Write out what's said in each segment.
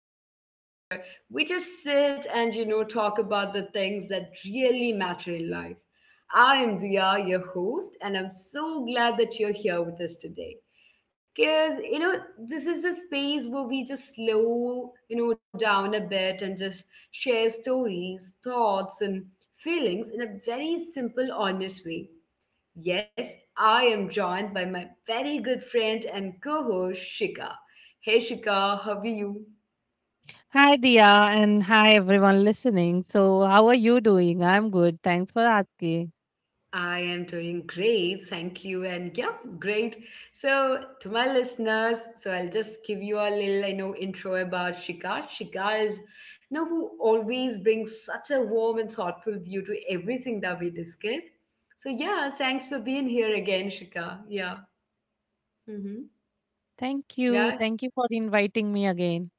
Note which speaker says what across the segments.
Speaker 1: podcast where we just sit and, you know, talk about the things that really matter in life. I am Dia, your host, and I'm so glad that you're here with us today. Because, you know, this is the space where we just slow, you know, down a bit and just share stories, thoughts, and feelings in a very simple, honest way. Yes, I am joined by my very good friend and co host Shika. Hey Shika, how are you?
Speaker 2: Hi, Dia, and hi, everyone listening. So, how are you doing? I'm good. Thanks for asking.
Speaker 1: I am doing great, thank you. And yeah, great. So, to my listeners, so I'll just give you a little, I know, intro about Shika. Shika is, you know, who always brings such a warm and thoughtful view to everything that we discuss. So, yeah, thanks for being here again, Shika. Yeah. Mm-hmm.
Speaker 2: Thank you.
Speaker 1: Yeah,
Speaker 2: Thank you for inviting me again.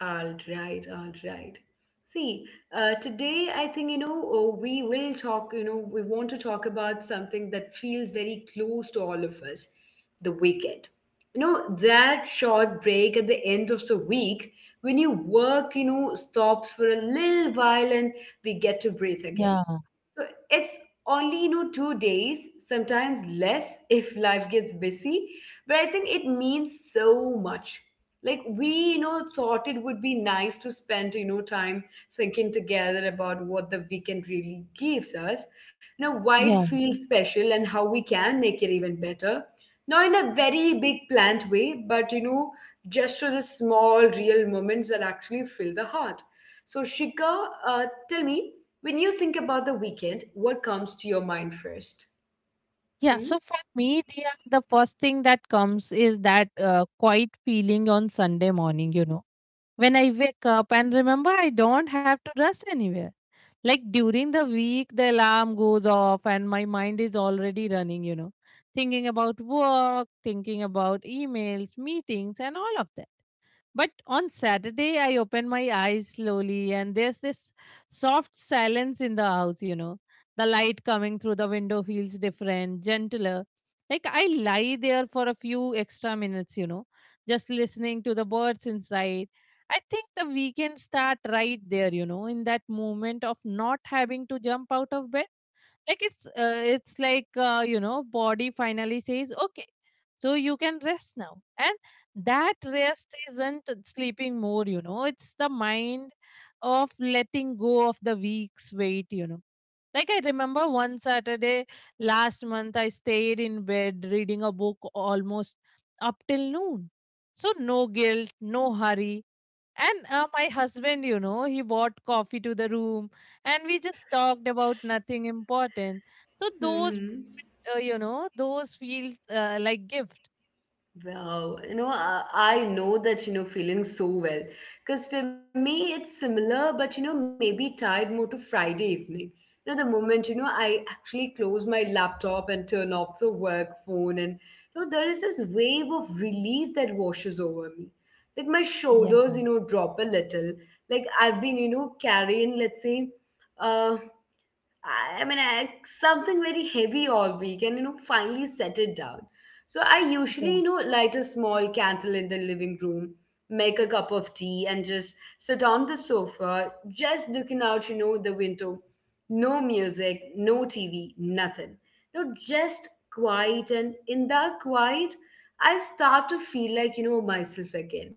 Speaker 1: all right, all right. See, today I think, you know, oh, we will talk, you know, we want to talk about something that feels very close to all of us the weekend. You know, that short break at the end of the week when you work, you know, stops for a little while and we get to breathe again.
Speaker 2: Yeah,
Speaker 1: So it's only, you know, 2 days, sometimes less if life gets busy. But I think it means so much. Like we, you know, thought it would be nice to spend, you know, time thinking together about what the weekend really gives us. You know, why it
Speaker 2: yeah.
Speaker 1: feels special and how we can make it even better. Not in a very big planned way, but you know, just through the small, real moments that actually fill the heart. So, Shika, tell me, when you think about the weekend, what comes to your mind first?
Speaker 2: Yeah,
Speaker 1: Hmm?
Speaker 2: so for me, Dia, the first thing that comes is that quiet feeling on Sunday morning, when I wake up and remember I don't have to rush anywhere. Like during the week, the alarm goes off and my mind is already running, thinking about work, thinking about emails, meetings, and all of that. But on Saturday, I open my eyes slowly, and there's this soft silence in the house. The light coming through the window feels different, gentler. Like I lie there for a few extra minutes, just listening to the birds inside. I think the weekend start right there, in that moment of not having to jump out of bed, like it's like body finally says okay, so you can rest now. And that rest isn't sleeping more, it's the mind of letting go of the week's weight. Like I remember, one Saturday last month I stayed in bed reading a book almost up till noon. So no guilt, no hurry. And my husband, he bought coffee to the room and we just talked about nothing important. So those,
Speaker 1: Hmm?
Speaker 2: uh, you know, those feels like gift.
Speaker 1: Wow, you know, I know that you know feeling so well because for me it's similar, but you know, maybe tied more to Friday evening. You know, the moment you know I actually close my laptop and turn off the work phone, and you know, there is this wave of relief that washes over me. Like my shoulders,
Speaker 2: Yeah.
Speaker 1: you know, drop a little. Like I've been, you know, carrying, let's say, uh, I mean, something very heavy all week and, you know, finally set it down. So I usually, you know, light a small candle in the living room, make a cup of tea, and just sit on the sofa, just looking out, you know, the window. No music, no TV, nothing. You know, just quiet. And in that quiet, I start to feel like, you know, myself again.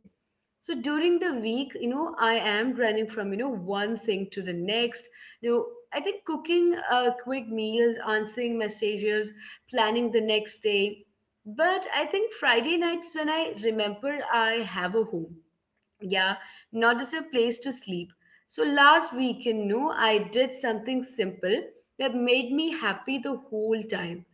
Speaker 1: So during the week, you know, I am running from, you know, one thing to the next. You know, I think cooking quick meals, answering messages, planning the next day. But I think Friday nights when I remember I have a home. Yeah, not as a place to sleep. So last weekend, no, I did something simple that made me happy the whole time.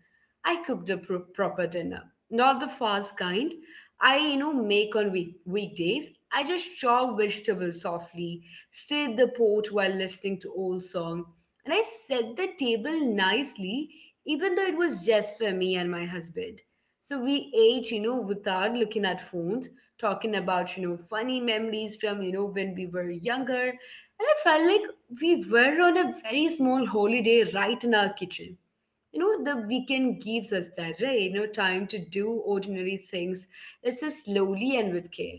Speaker 1: I cooked a proper dinner, not the fast kind I, you know, make on weekdays. I just chopped vegetables softly, stirred the pot while listening to old song, and I set the table nicely, even though it was just for me and my husband. So we ate, you know, without looking at phones talking about, you know, funny memories from, you know, when we were younger. And I felt like we were on a very small holiday right in our kitchen. You know, the weekend gives us that, right? You know, time to do ordinary things. It's just slowly and with care.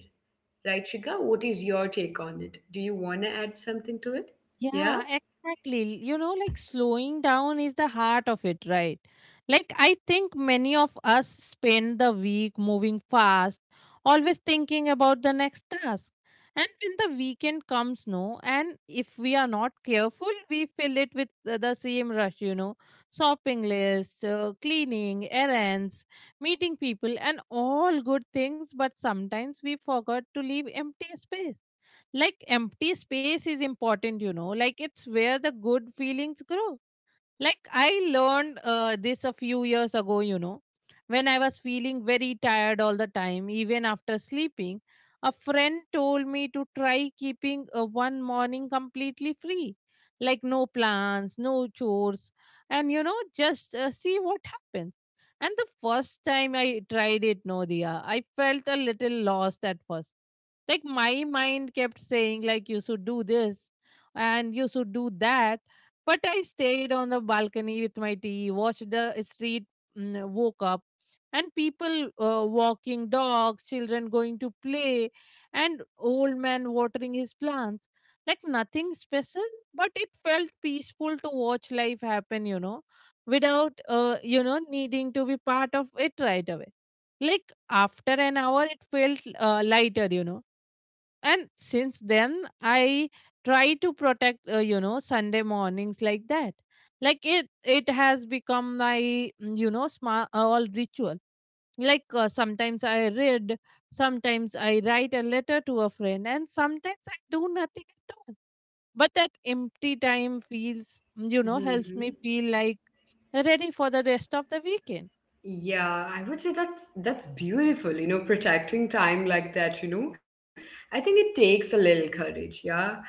Speaker 1: Right, Shika? What is your take on it? Do you want to add something to it? Yeah?
Speaker 2: Yeah, exactly. Like slowing down is the heart of it, right? Like, I think many of us spend the week moving fast, always thinking about the next task. And when the weekend comes, no, and if we are not careful, we fill it with the same rush, shopping lists, cleaning, errands, meeting people, and all good things. But sometimes we forgot to leave empty space, like empty space is important, like it's where the good feelings grow. Like I learned this a few years ago, when I was feeling very tired all the time, even after sleeping, a friend told me to try keeping one morning completely free, like no plans, no chores, and just see what happens. And the first time I tried it, Nodia, I felt a little lost at first, like my mind kept saying, like, you should do this and you should do that. But I stayed on the balcony with my tea, watched the street, woke up, and people walking dogs, children going to play, and old man watering his plants. Like nothing special, but it felt peaceful to watch life happen, without needing to be part of it right away. Like after an hour, it felt lighter, and since then I try to protect Sunday mornings like that. Like it has become my small all ritual. Like sometimes I read, sometimes I write a letter to a friend, and sometimes I do nothing at all. But that empty time feels, helps me
Speaker 1: Mm-hmm.
Speaker 2: feel like ready for the rest of the weekend.
Speaker 1: Yeah, I would say that's beautiful, you know, protecting time like that, you know. I think it takes a little courage, yeah.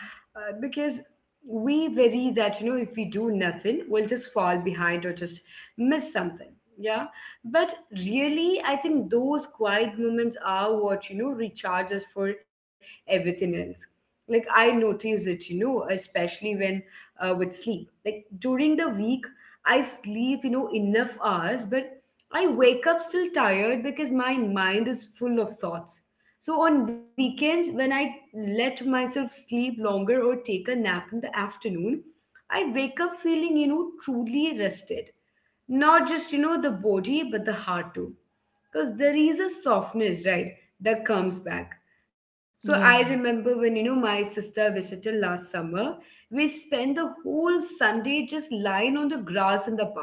Speaker 1: Because we worry that, you know, if we do nothing, we'll just fall behind or just miss something, yeah. But really, I think those quiet moments are what, you know, recharge us for everything else. Like I notice it, you know, especially when with sleep. Like during the week, I sleep, you know, enough hours, but I wake up still tired because my mind is full of thoughts. So on weekends, when I let myself sleep longer or take a nap in the afternoon, I wake up feeling, you know, truly rested. Not just, you know, the body, but the heart too. Because there is a softness, right, that comes back. So I
Speaker 2: Yeah,
Speaker 1: remember when, you know, my sister visited last summer, we spent the whole Sunday just lying on the grass in the park,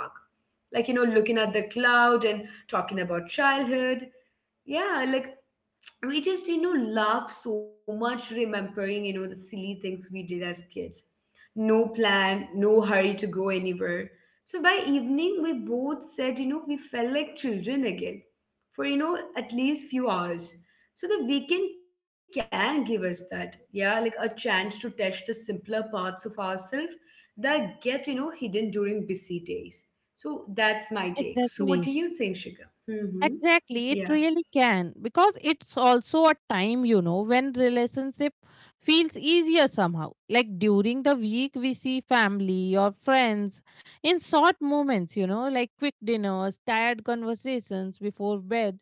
Speaker 1: like, you know, looking at the cloud and talking about childhood. Yeah, like we just, you know, laugh so much remembering, you know, the silly things we did as kids. No plan, no hurry to go anywhere. So by evening we both said, you know, we felt like children again for, you know, at least few hours. So the weekend can give us that, yeah, like a chance to test the simpler parts of ourselves that get, you know, hidden during busy days. So that's my take. So what do you
Speaker 2: exactly.
Speaker 1: think, Shiga? Mm-hmm.
Speaker 2: Exactly, it really can, because it's also a time, when relationship feels easier somehow. Like during the week, we see family or friends in short moments, like quick dinners, tired conversations before bed.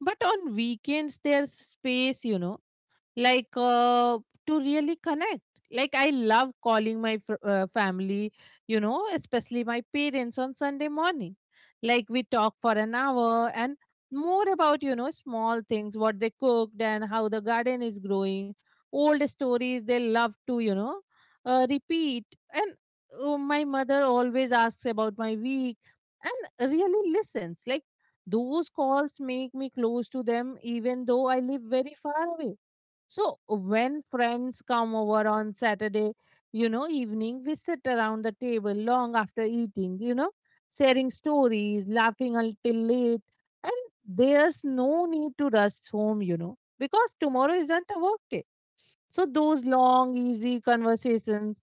Speaker 2: But on weekends, there's space, like to really connect. Like I love calling my family, especially my parents on Sunday morning. Like we talk for an hour and more about small things, what they cooked and how the garden is growing, old stories they love to, repeat. And my mother always asks about my week and really listens. Like those calls make me close to them even though I live very far away. So when friends come over on Saturday, evening, we sit around the table long after eating, sharing stories, laughing until late. And there's no need to rush home, because tomorrow isn't a work day. So those long, easy conversations,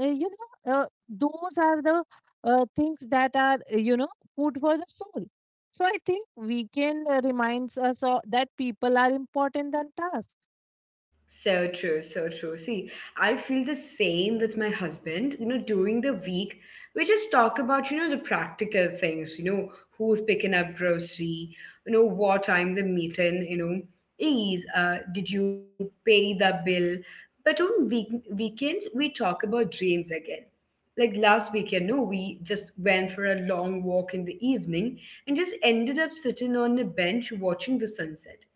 Speaker 2: uh, you know, uh, those are the things that are food for the soul. So I think weekend reminds us that people are important than tasks.
Speaker 1: So true, so true. See, I feel the same with my husband. You know, during the week, we just talk about, you know, the practical things, you know, who's picking up grocery, you know, what time the meeting, you know, is, did you pay the bill? But on week weekends, we talk about dreams again. Like last weekend, no, we just went for a long walk in the evening and just ended up sitting on a bench watching the sunset.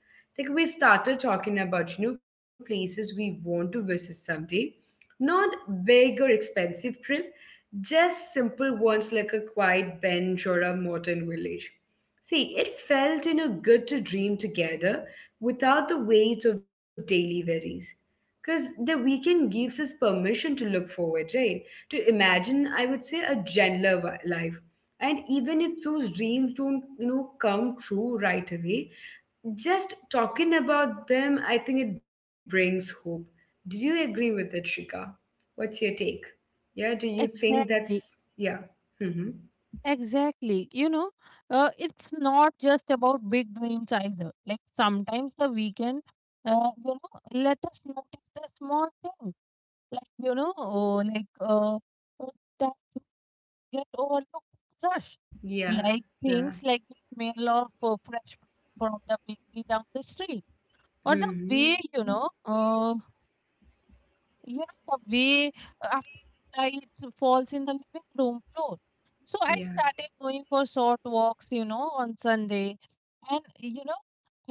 Speaker 1: Like we started talking about, you know, places we want to visit someday. Not big or expensive trip, just simple ones like a quiet bench or a modern village. See, it felt, you know, good to dream together without the weight of daily worries. Because the weekend gives us permission to look forward, right? To imagine, I would say, a gentler life. And even if those dreams don't, you know, come true right away, just talking about them, I think it brings hope. Do you agree with it, Shika? What's your take? Yeah? Do you think that's
Speaker 2: Exactly.
Speaker 1: yeah? Mm-hmm.
Speaker 2: Exactly. It's not just about big dreams either. Like sometimes the weekend, uh, you know, let us notice the small thing. Like, oh, like uh, that you get overlooked rush.
Speaker 1: Yeah.
Speaker 2: Like
Speaker 1: Yeah.
Speaker 2: things like the smell of fresh fruit from the bakery down the street. Or the
Speaker 1: Mm-hmm.
Speaker 2: way, the way after light falls in the living room floor. So I
Speaker 1: Yeah.
Speaker 2: started going for short walks, on Sunday. And,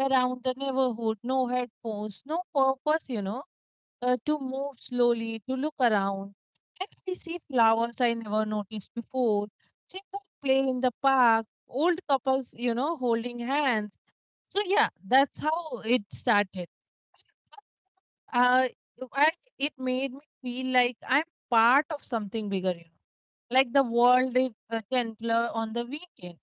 Speaker 2: around the neighborhood, no headphones, no purpose, to move slowly, to look around. And I see flowers I never noticed before. Children play in the park, old couples, holding hands. So yeah, that's how it started, uh, I it made me feel like I'm part of something bigger, Like the world is gentler on the weekend.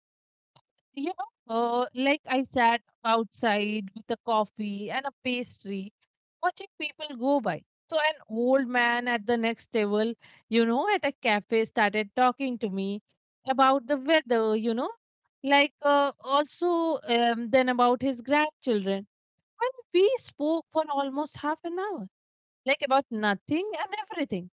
Speaker 2: Like I sat outside with a coffee and a pastry, watching people go by. So an old man at the next table, at a cafe, started talking to me about the weather. Like also then about his grandchildren. And we spoke for almost half an hour, like about nothing and everything.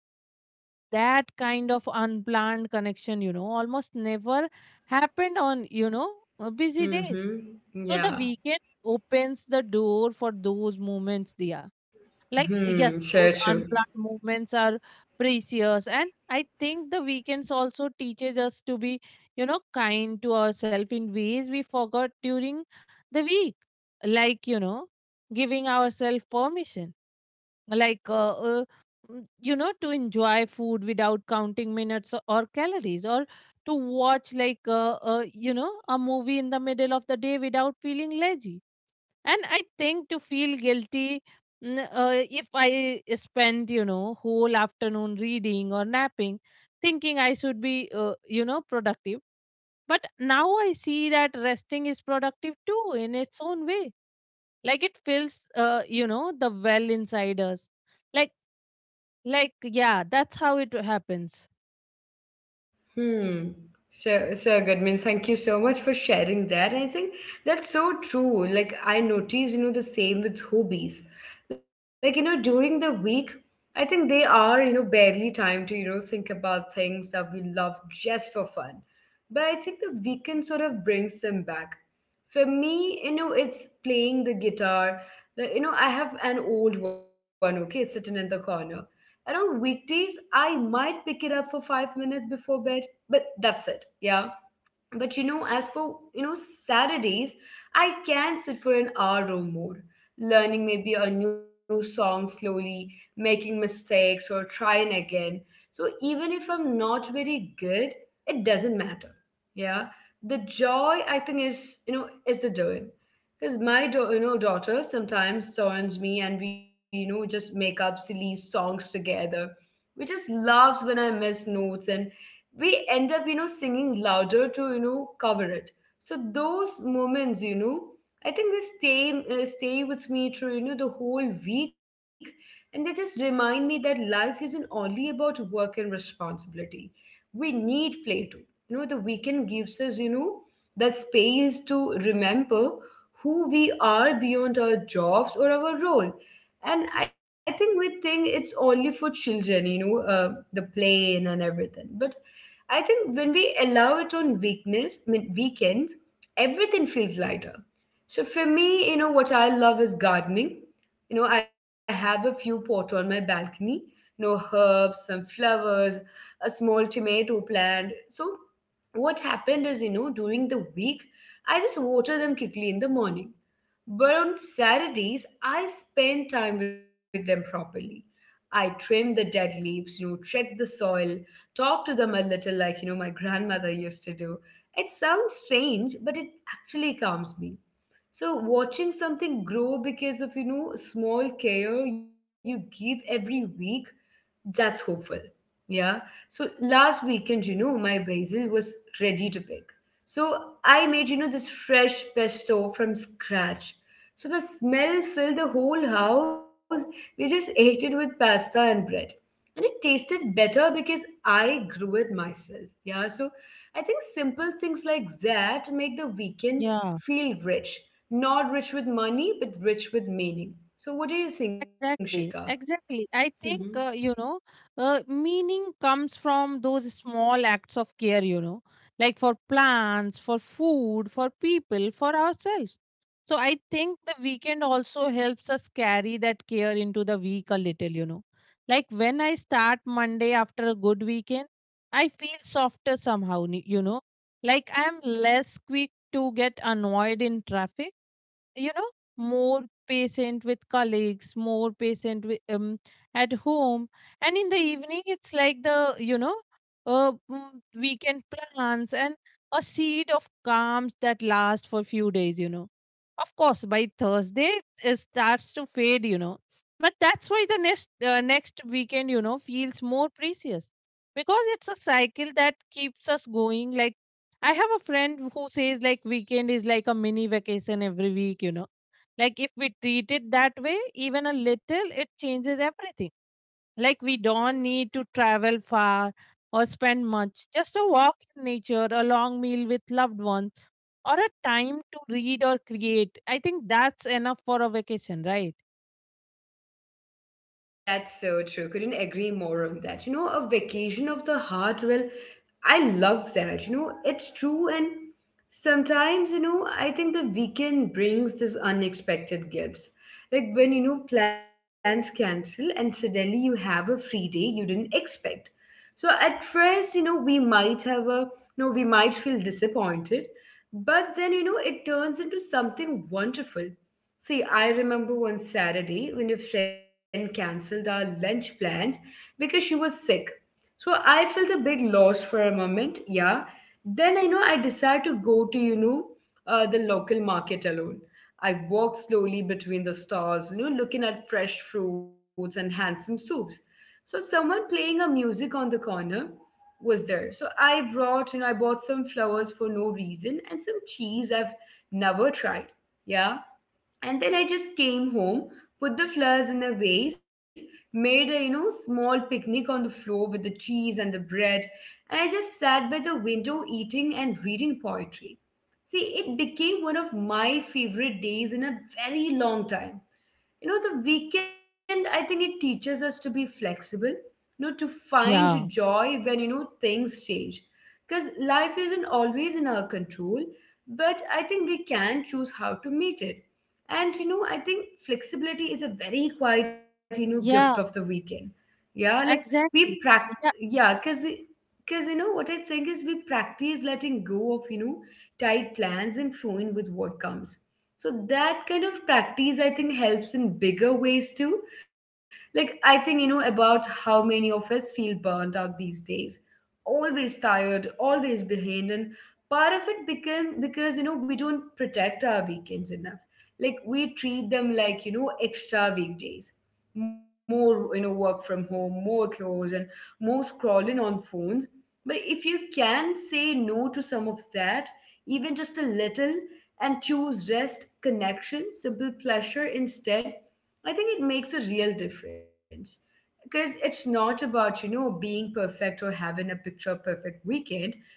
Speaker 2: That kind of unplanned connection, almost never happened on, busy days.
Speaker 1: Mm-hmm.
Speaker 2: So the
Speaker 1: Yeah.
Speaker 2: weekend opens the door for those moments, Dia.
Speaker 1: Hmm,
Speaker 2: Like,
Speaker 1: sure,
Speaker 2: yes,
Speaker 1: true.
Speaker 2: those unplanned moments are precious. And I think the weekends also teaches us to be, kind to ourselves in ways we forgot during the week. Like, giving ourselves permission, like to enjoy food without counting minutes or calories, or to watch, like a movie in the middle of the day without feeling lazy. And I think to feel guilty, if I spend, whole afternoon reading or napping, thinking I should be productive. But now I see that resting is productive too, in its own way. Like it fills, the well inside us, like. Like, yeah, that's how it happens.
Speaker 1: Hmm. So, so good. I mean, thank you so much for sharing that. I think that's so true. Like, I notice, you know, the same with hobbies. Like, you know, during the week, I think they are, you know, barely time to, you know, think about things that we love just for fun. But I think the weekend sort of brings them back. For me, you know, it's playing the guitar. Like, you know, I have an old one, okay, sitting in the corner. And on weekdays, I might pick it up for 5 minutes before bed, but that's it, yeah. But you know, as for, you know, Saturdays, I can sit for an hour or more learning maybe a new song, slowly making mistakes or trying again. So even if I'm not very good, it doesn't matter, yeah. The joy, I think, is, you know, is the doing. Because my you know daughter sometimes turns me and we, you know, just make up silly songs together. We just laughs when I miss notes and we end up, you know, singing louder to, you know, cover it. So those moments, you know, I think they stay with me through, you know, the whole week. And they just remind me that life isn't only about work and responsibility. We need play too. You know, the weekend gives us, you know, that space to remember who we are beyond our jobs or our role. And I think we think it's only for children, you know, the plane and everything, but I think when we allow it on weakness, mean weekends, everything feels lighter. So for me, you know, what I love is gardening. You know, I have a few pot on my balcony, you know, herbs, some flowers, a small tomato plant. So what happened is, you know, during the week, I just water them quickly in the morning. But on Saturdays, I spend time with them properly. I trim the dead leaves, you know, check the soil, talk to them a little like, you know, my grandmother used to do. It sounds strange, but it actually calms me. So watching something grow because of, you know, small care you give every week, that's hopeful. Yeah. So last weekend, you know, my basil was ready to pick. So I made, you know, this fresh pesto from scratch. So the smell filled the whole house. We just ate it with pasta and bread. And it tasted better because I grew it myself. Yeah. So I think simple things like that make the weekend
Speaker 2: Yeah,
Speaker 1: feel rich. Not rich with money, but rich with meaning. So what do you think, Shika?
Speaker 2: exactly. Exactly. I think, meaning comes from those small acts of care, like for plants, for food, for people, for ourselves. So I think the weekend also helps us carry that care into the week a little, Like when I start Monday after a good weekend, I feel softer somehow. Like I'm less quick to get annoyed in traffic, you know more patient with colleagues, more patient with, at home. And in the evening it's like the, uh, mm, weekend plans and a seed of calm that lasts for few days. Of course by Thursday it starts to fade, but that's why the next weekend, feels more precious. Because it's a cycle that keeps us going. Like I have a friend who says like weekend is like a mini vacation every week. Like if we treat it that way, even a little, it changes everything. Like we don't need to travel far or spend much. Just a walk in nature, a long meal with loved ones, or a time to read or create. I think that's enough for a vacation, right?
Speaker 1: That's so true. Couldn't agree more on that. A vacation of the heart. Well, I love that. It's true. And sometimes, I think the weekend brings this unexpected gifts. Like when, plans cancel and suddenly you have a free day you didn't expect. So at first, we might feel disappointed, but then, it turns into something wonderful. See, I remember one Saturday when a friend cancelled our lunch plans because she was sick. So I felt a bit lost for a moment, yeah. Then I know I decided to go to, the local market alone. I walked slowly between the stalls, looking at fresh fruits and handsome soups. So someone playing a music on the corner was there. So I brought, you know, I bought some flowers for no reason and some cheese I've never tried. Yeah. And then I just came home, put the flowers in a vase, made a small picnic on the floor with the cheese and the bread, and I just sat by the window eating and reading poetry. See, it became one of my favorite days in a very long time. The weekend, I think, it teaches us to be flexible, to find
Speaker 2: Yeah.
Speaker 1: joy when things change, because life isn't always in our control, but I think we can choose how to meet it. And I think flexibility is a very quiet, gift of the
Speaker 2: Yeah,
Speaker 1: weekend. Yeah, like we
Speaker 2: exactly.
Speaker 1: practice.
Speaker 2: Yeah,
Speaker 1: Yeah, because you know what I think is, we practice letting go of, you know, tight plans and flowing with what comes. So that kind of practice, I think, helps in bigger ways too. Like, I think about how many of us feel burnt out these days, always tired, always behind. And part of it become because we don't protect our weekends enough. Like we treat them like extra weekdays, more work from home, more chores, and more scrolling on phones. But if you can say no to some of that, even just a little, and choose rest, connection, simple pleasure instead, I think it makes a real difference. Because it's not about, being perfect or having a picture perfect weekend.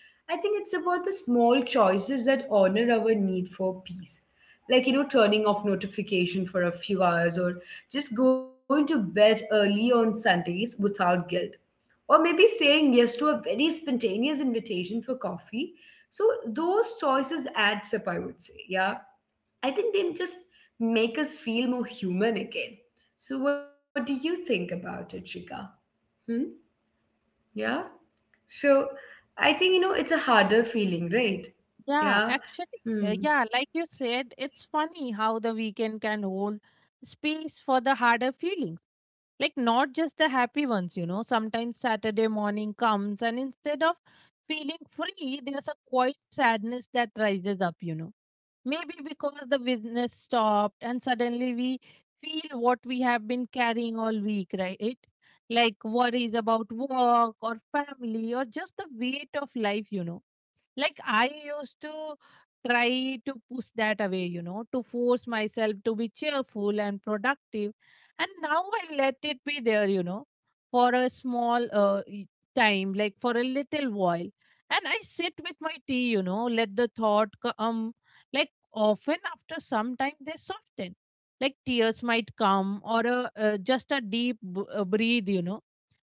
Speaker 1: I think it's about the small choices that honor our need for peace. Like, turning off notification for a few hours, or just going to bed early on Sundays without guilt, or maybe saying yes to a very spontaneous invitation for coffee. So those choices adds up, I would say. Yeah. I think they just make us feel more human again. So what do you think about it, Shika? Hmm? Yeah. So I think it's a harder feeling, right?
Speaker 2: yeah,
Speaker 1: Yeah.
Speaker 2: actually,
Speaker 1: Hmm.
Speaker 2: yeah, like you said, it's funny how the weekend can hold space for the harder feelings. Like, not just the happy ones. Sometimes Saturday morning comes and instead of feeling free, there's a quiet sadness that rises up. Maybe because the business stopped and suddenly we feel what we have been carrying all week, right? Like worries about work or family or just the weight of life. Like I used to try to push that away, to force myself to be cheerful and productive. And now I let it be there, for a small time, like for a little while. And I sit with my tea, let the thought come. Like often after some time they soften. Like tears might come, or a, just a deep breathe.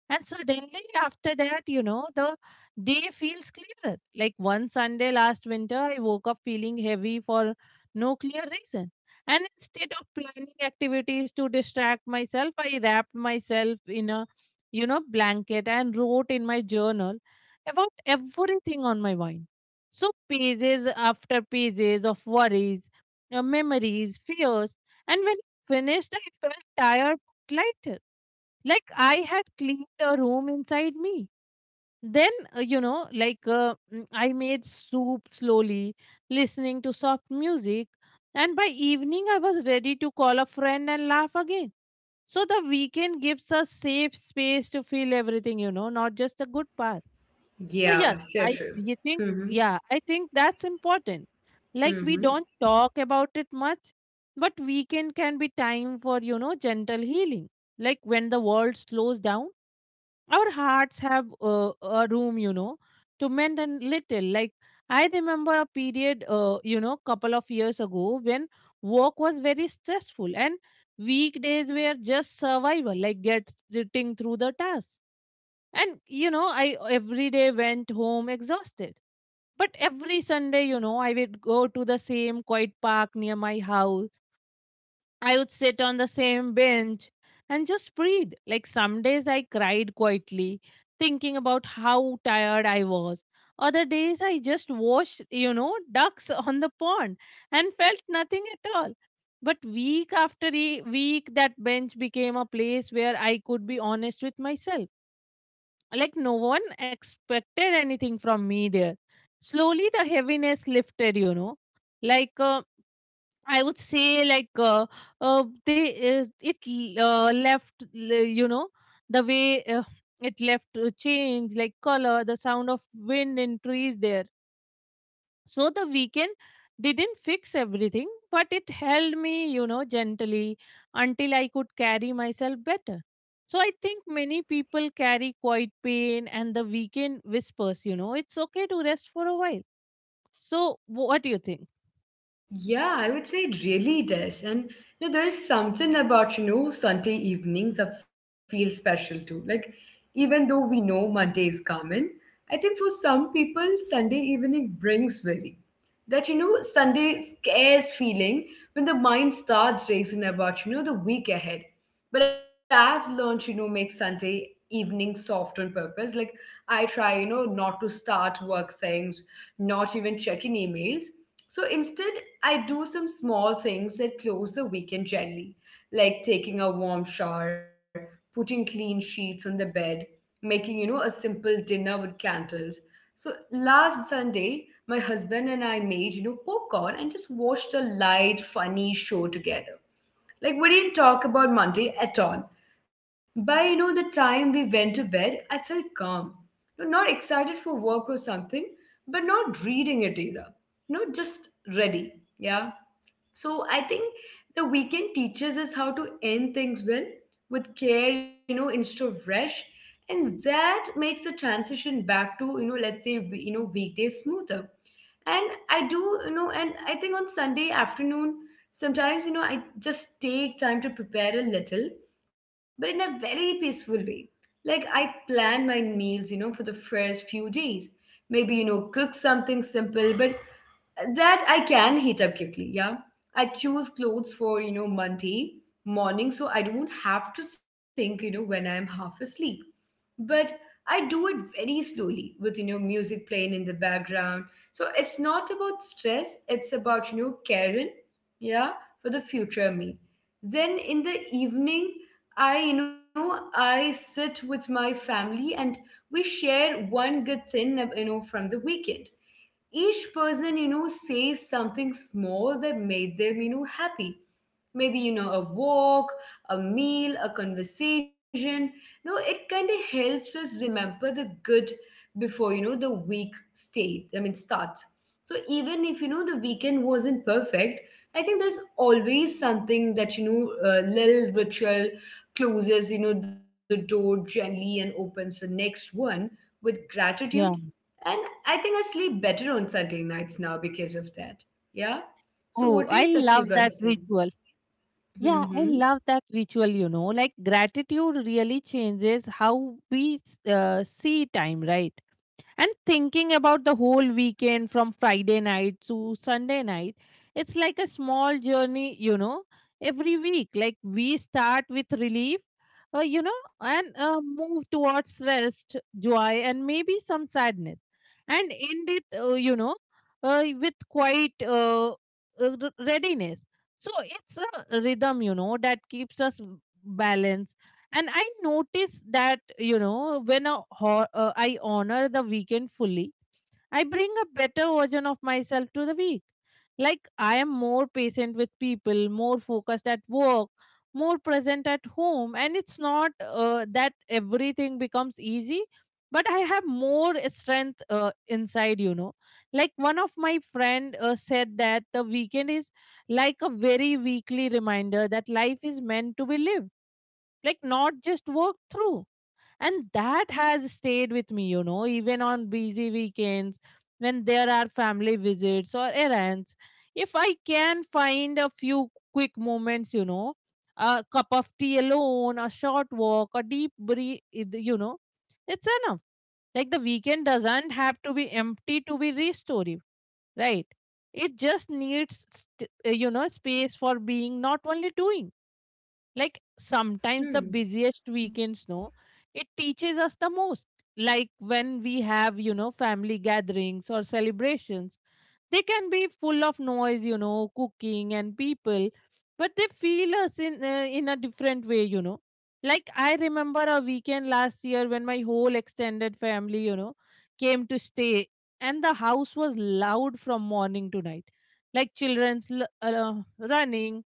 Speaker 2: And suddenly, after that, the day feels clearer. Like one Sunday last winter, I woke up feeling heavy for no clear reason. And instead of planning activities to distract myself, I wrapped myself in a, you know, blanket and wrote in my journal about everything on my mind. So, pages after pages of worries, memories, fears. And when finished, I felt tired but lighter, like I had cleaned a room inside me. Then, I made soup slowly, listening to soft music, and by evening I was ready to call a friend and laugh again. So the weekend gives us safe space to feel everything, you know, not just a good part. So yes,
Speaker 1: Yeah, so
Speaker 2: I
Speaker 1: true.
Speaker 2: you think
Speaker 1: Mm-hmm.
Speaker 2: yeah, I think that's important. Like we
Speaker 1: Mm-hmm.
Speaker 2: don't talk about it much, but weekend can be time for, you know, gentle healing. Like when the world slows down, our hearts have a room, you know, to mend a little. Like I remember a period, you know, couple of years ago when work was very stressful and weekdays were just survival, like getting through the task. And you know, I every day went home exhausted, but every Sunday, you know, I would go to the same quiet park near my house. I would sit on the same bench and just breathe. Like some days I cried quietly, thinking about how tired I was. Other days I just watched, you know, ducks on the pond and felt nothing at all. But week after week, that bench became a place where I could be honest with myself. Like no one expected anything from me there. Slowly the heaviness lifted, you know. Like, I would say like they it l- left l- you know the way It left, change like color the sound of wind in trees there. So the weekend didn't fix everything, but it held me, you know, gently, until I could carry myself better. So I think many people carry quite pain and the weekend whispers, you know, it's okay to rest for a while. So what do you think?
Speaker 1: Yeah, I would say it really does. And there is something about, Sunday evenings that feel special too. Like, even though we know Monday is coming, I think for some people, Sunday evening brings very that Sunday scares feeling, when the mind starts racing about the week ahead. But I've learned to make Sunday evening soft on purpose. Like, I try not to start work things, not even check in emails. So instead, I do some small things that close the weekend gently, like taking a warm shower, putting clean sheets on the bed, making a simple dinner with candles. So last Sunday, my husband and I made, popcorn and just watched a light, funny show together. Like we didn't talk about Monday at all. By the time we went to bed, I felt calm. No, not excited for work or something, but not reading it either. No, just ready. Yeah. So I think the weekend teaches us how to end things well, with care, instead of rush. And that makes the transition back to, let's say, weekdays smoother. And I do. And I think on Sunday afternoon, sometimes I just take time to prepare a little, but in a very peaceful way. Like I plan my meals for the first few days, maybe cook something simple, but that I can heat up quickly. Yeah. I choose clothes for Monday morning, so I don't have to think when I'm half asleep. But I do it very slowly, with music playing in the background. So it's not about stress, it's about caring, yeah, for the future me. Then in the evening, I you know I sit with my family, and we share one good thing from the weekend. Each person says something small that made them happy, maybe a walk, a meal, a conversation. No, it kind of helps us remember the good before, the week state, I mean, starts. So even if, the weekend wasn't perfect, I think there's always something that, little ritual closes, the door gently and opens the next one with gratitude.
Speaker 2: Yeah.
Speaker 1: And I think I sleep better on Sunday nights now because of that. Yeah. So
Speaker 2: Oh,
Speaker 1: what
Speaker 2: I
Speaker 1: is that
Speaker 2: love
Speaker 1: you got to
Speaker 2: that
Speaker 1: say?
Speaker 2: ritual. Yeah, I
Speaker 1: Mm-hmm.
Speaker 2: love that ritual, you know. Like gratitude really changes how we see time, right? And thinking about the whole weekend from Friday night to Sunday night, it's like a small journey, you know, every week. Like we start with relief, you know, and move towards rest, joy, and maybe some sadness, and end it, with quite readiness. So it's a rhythm, you know, that keeps us balanced. And I notice that, you know, when I honor the weekend fully, I bring a better version of myself to the week. Like I am more patient with people, more focused at work, more present at home. And it's not that everything becomes easy, but I have more strength, inside, you know. Like one of my friend, said that the weekend is like a very weekly reminder that life is meant to be lived, like not just work through. And that has stayed with me, you know. Even on busy weekends, when there are family visits or errands, if I can find a few quick moments, you know, a cup of tea alone, a short walk, a deep breath, you know, it's enough. Like the weekend doesn't have to be empty to be restorative, right? It just needs you know, space for being, not only doing. Like sometimes the
Speaker 1: Hmm.
Speaker 2: busiest weekends, no, it teaches us the most. Like when we have, you know, family gatherings or celebrations, they can be full of noise, you know, cooking and people, but they feel us in a different way, you know. Like I remember a weekend last year when my whole extended family, you know, came to stay, and the house was loud from morning to night, like children's running,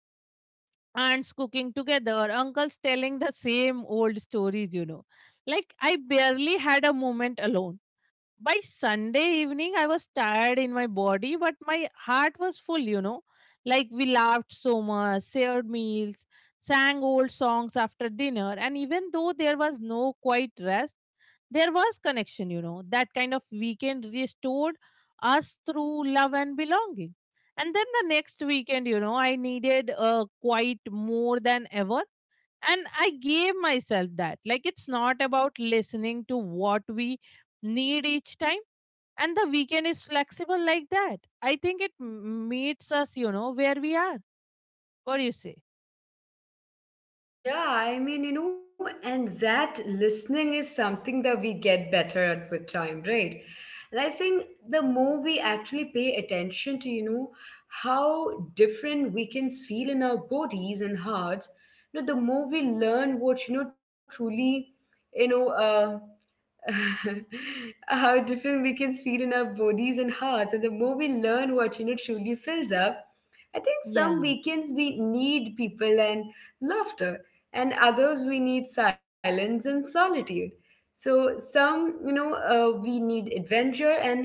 Speaker 2: aunts cooking together, uncles telling the same old stories, you know. Like, I barely had a moment alone. By Sunday evening, I was tired in my body, but my heart was full, you know. Like we laughed so much, shared meals, sang old songs after dinner, and even though there was no quiet rest, there was connection, you know. That kind of weekend restored us through love and belonging. And then the next weekend, you know, I needed a quiet more than ever, and I gave myself that. Like it's not about listening to what we need each time, and the weekend is flexible like that. I think meets us, you know, where we are. What do you say?
Speaker 1: Yeah, I mean, and that listening is something that we get better at with time, right? And I think the more we actually pay attention to, how different we can feel in our bodies and hearts, the more we learn what, truly, you know, uh, how different we can feel in our bodies and hearts. And the more we learn what truly fills up, I think some
Speaker 2: Yeah,
Speaker 1: weekends we need people and laughter, and others we need silence and solitude. So some we need adventure, and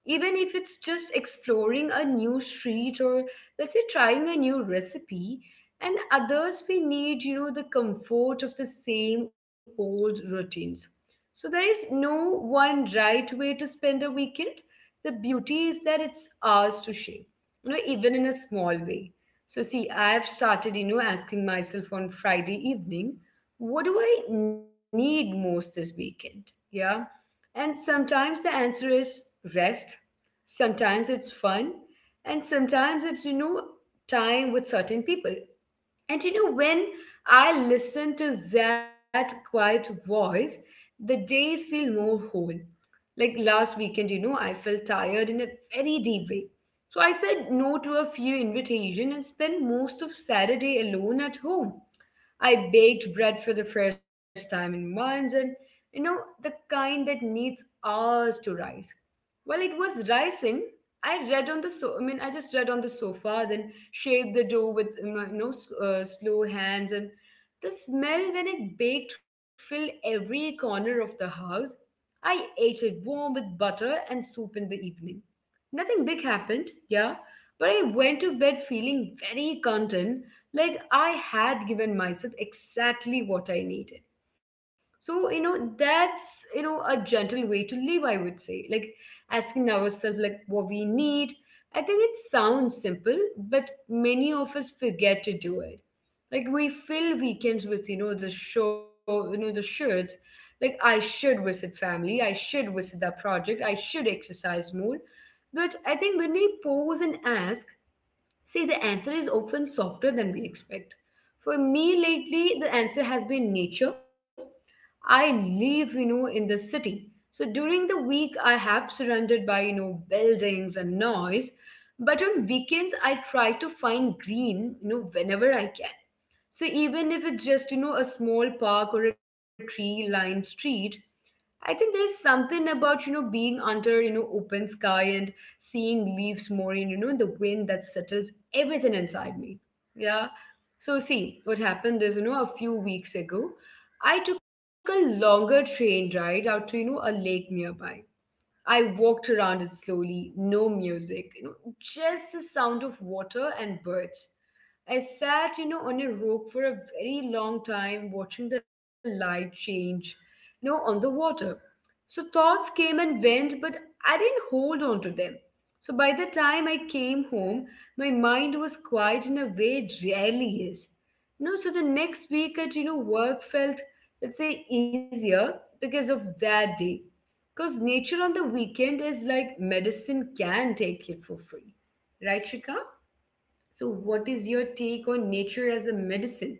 Speaker 1: even if it's just exploring a new street or, let's say, trying a new recipe, and others we need the comfort of the same old routines. So there is no one right way to spend a weekend. The beauty is that it's ours to shape, even in a small way. So see, I've started, asking myself on Friday evening, what do I need most this weekend? Yeah. And sometimes the answer is rest. Sometimes it's fun. And sometimes it's, time with certain people. And when I listen to that quiet voice, the days feel more whole. Like last weekend, I felt tired in a very deep way. So I said no to a few invitations and spent most of Saturday alone at home. I baked bread for the first time in months, and the kind that needs hours to rise. While it was rising, I mean, I just read on the sofa, then shaped the dough with slow hands, and the smell when it baked filled every corner of the house. I ate it warm with butter and soup in the evening. Nothing big happened, yeah, but I went to bed feeling very content, like I had given myself exactly what I needed. So, that's, a gentle way to live, I would say. Like asking ourselves like what we need. I think it sounds simple, but many of us forget to do it. Like we fill weekends with, the show, you know, the shoulds. Like I should visit family, I should visit that project, I should exercise more. But I think when we pause and ask, see, the answer is often softer than we expect. For me lately, the answer has been nature. I live, in the city. So during the week, I have surrounded by, buildings and noise. But on weekends, I try to find green, whenever I can. So even if it's just, a small park or a tree lined street, I think there's something about, being under, open sky and seeing leaves more and, the wind that settles everything inside me. Yeah. So, see, what happened is, a few weeks ago, I took a longer train ride out to, a lake nearby. I walked around it slowly, no music, just the sound of water and birds. I sat, on a rock for a very long time, watching the light change, on the water. So thoughts came and went, but I didn't hold on to them. So by the time I came home, my mind was quiet in a way it rarely is. No, so the next week at work felt, let's say, easier because of that day. Because nature on the weekend is like medicine, can take it for free. Right, Shika? So, what is your take on nature as a medicine?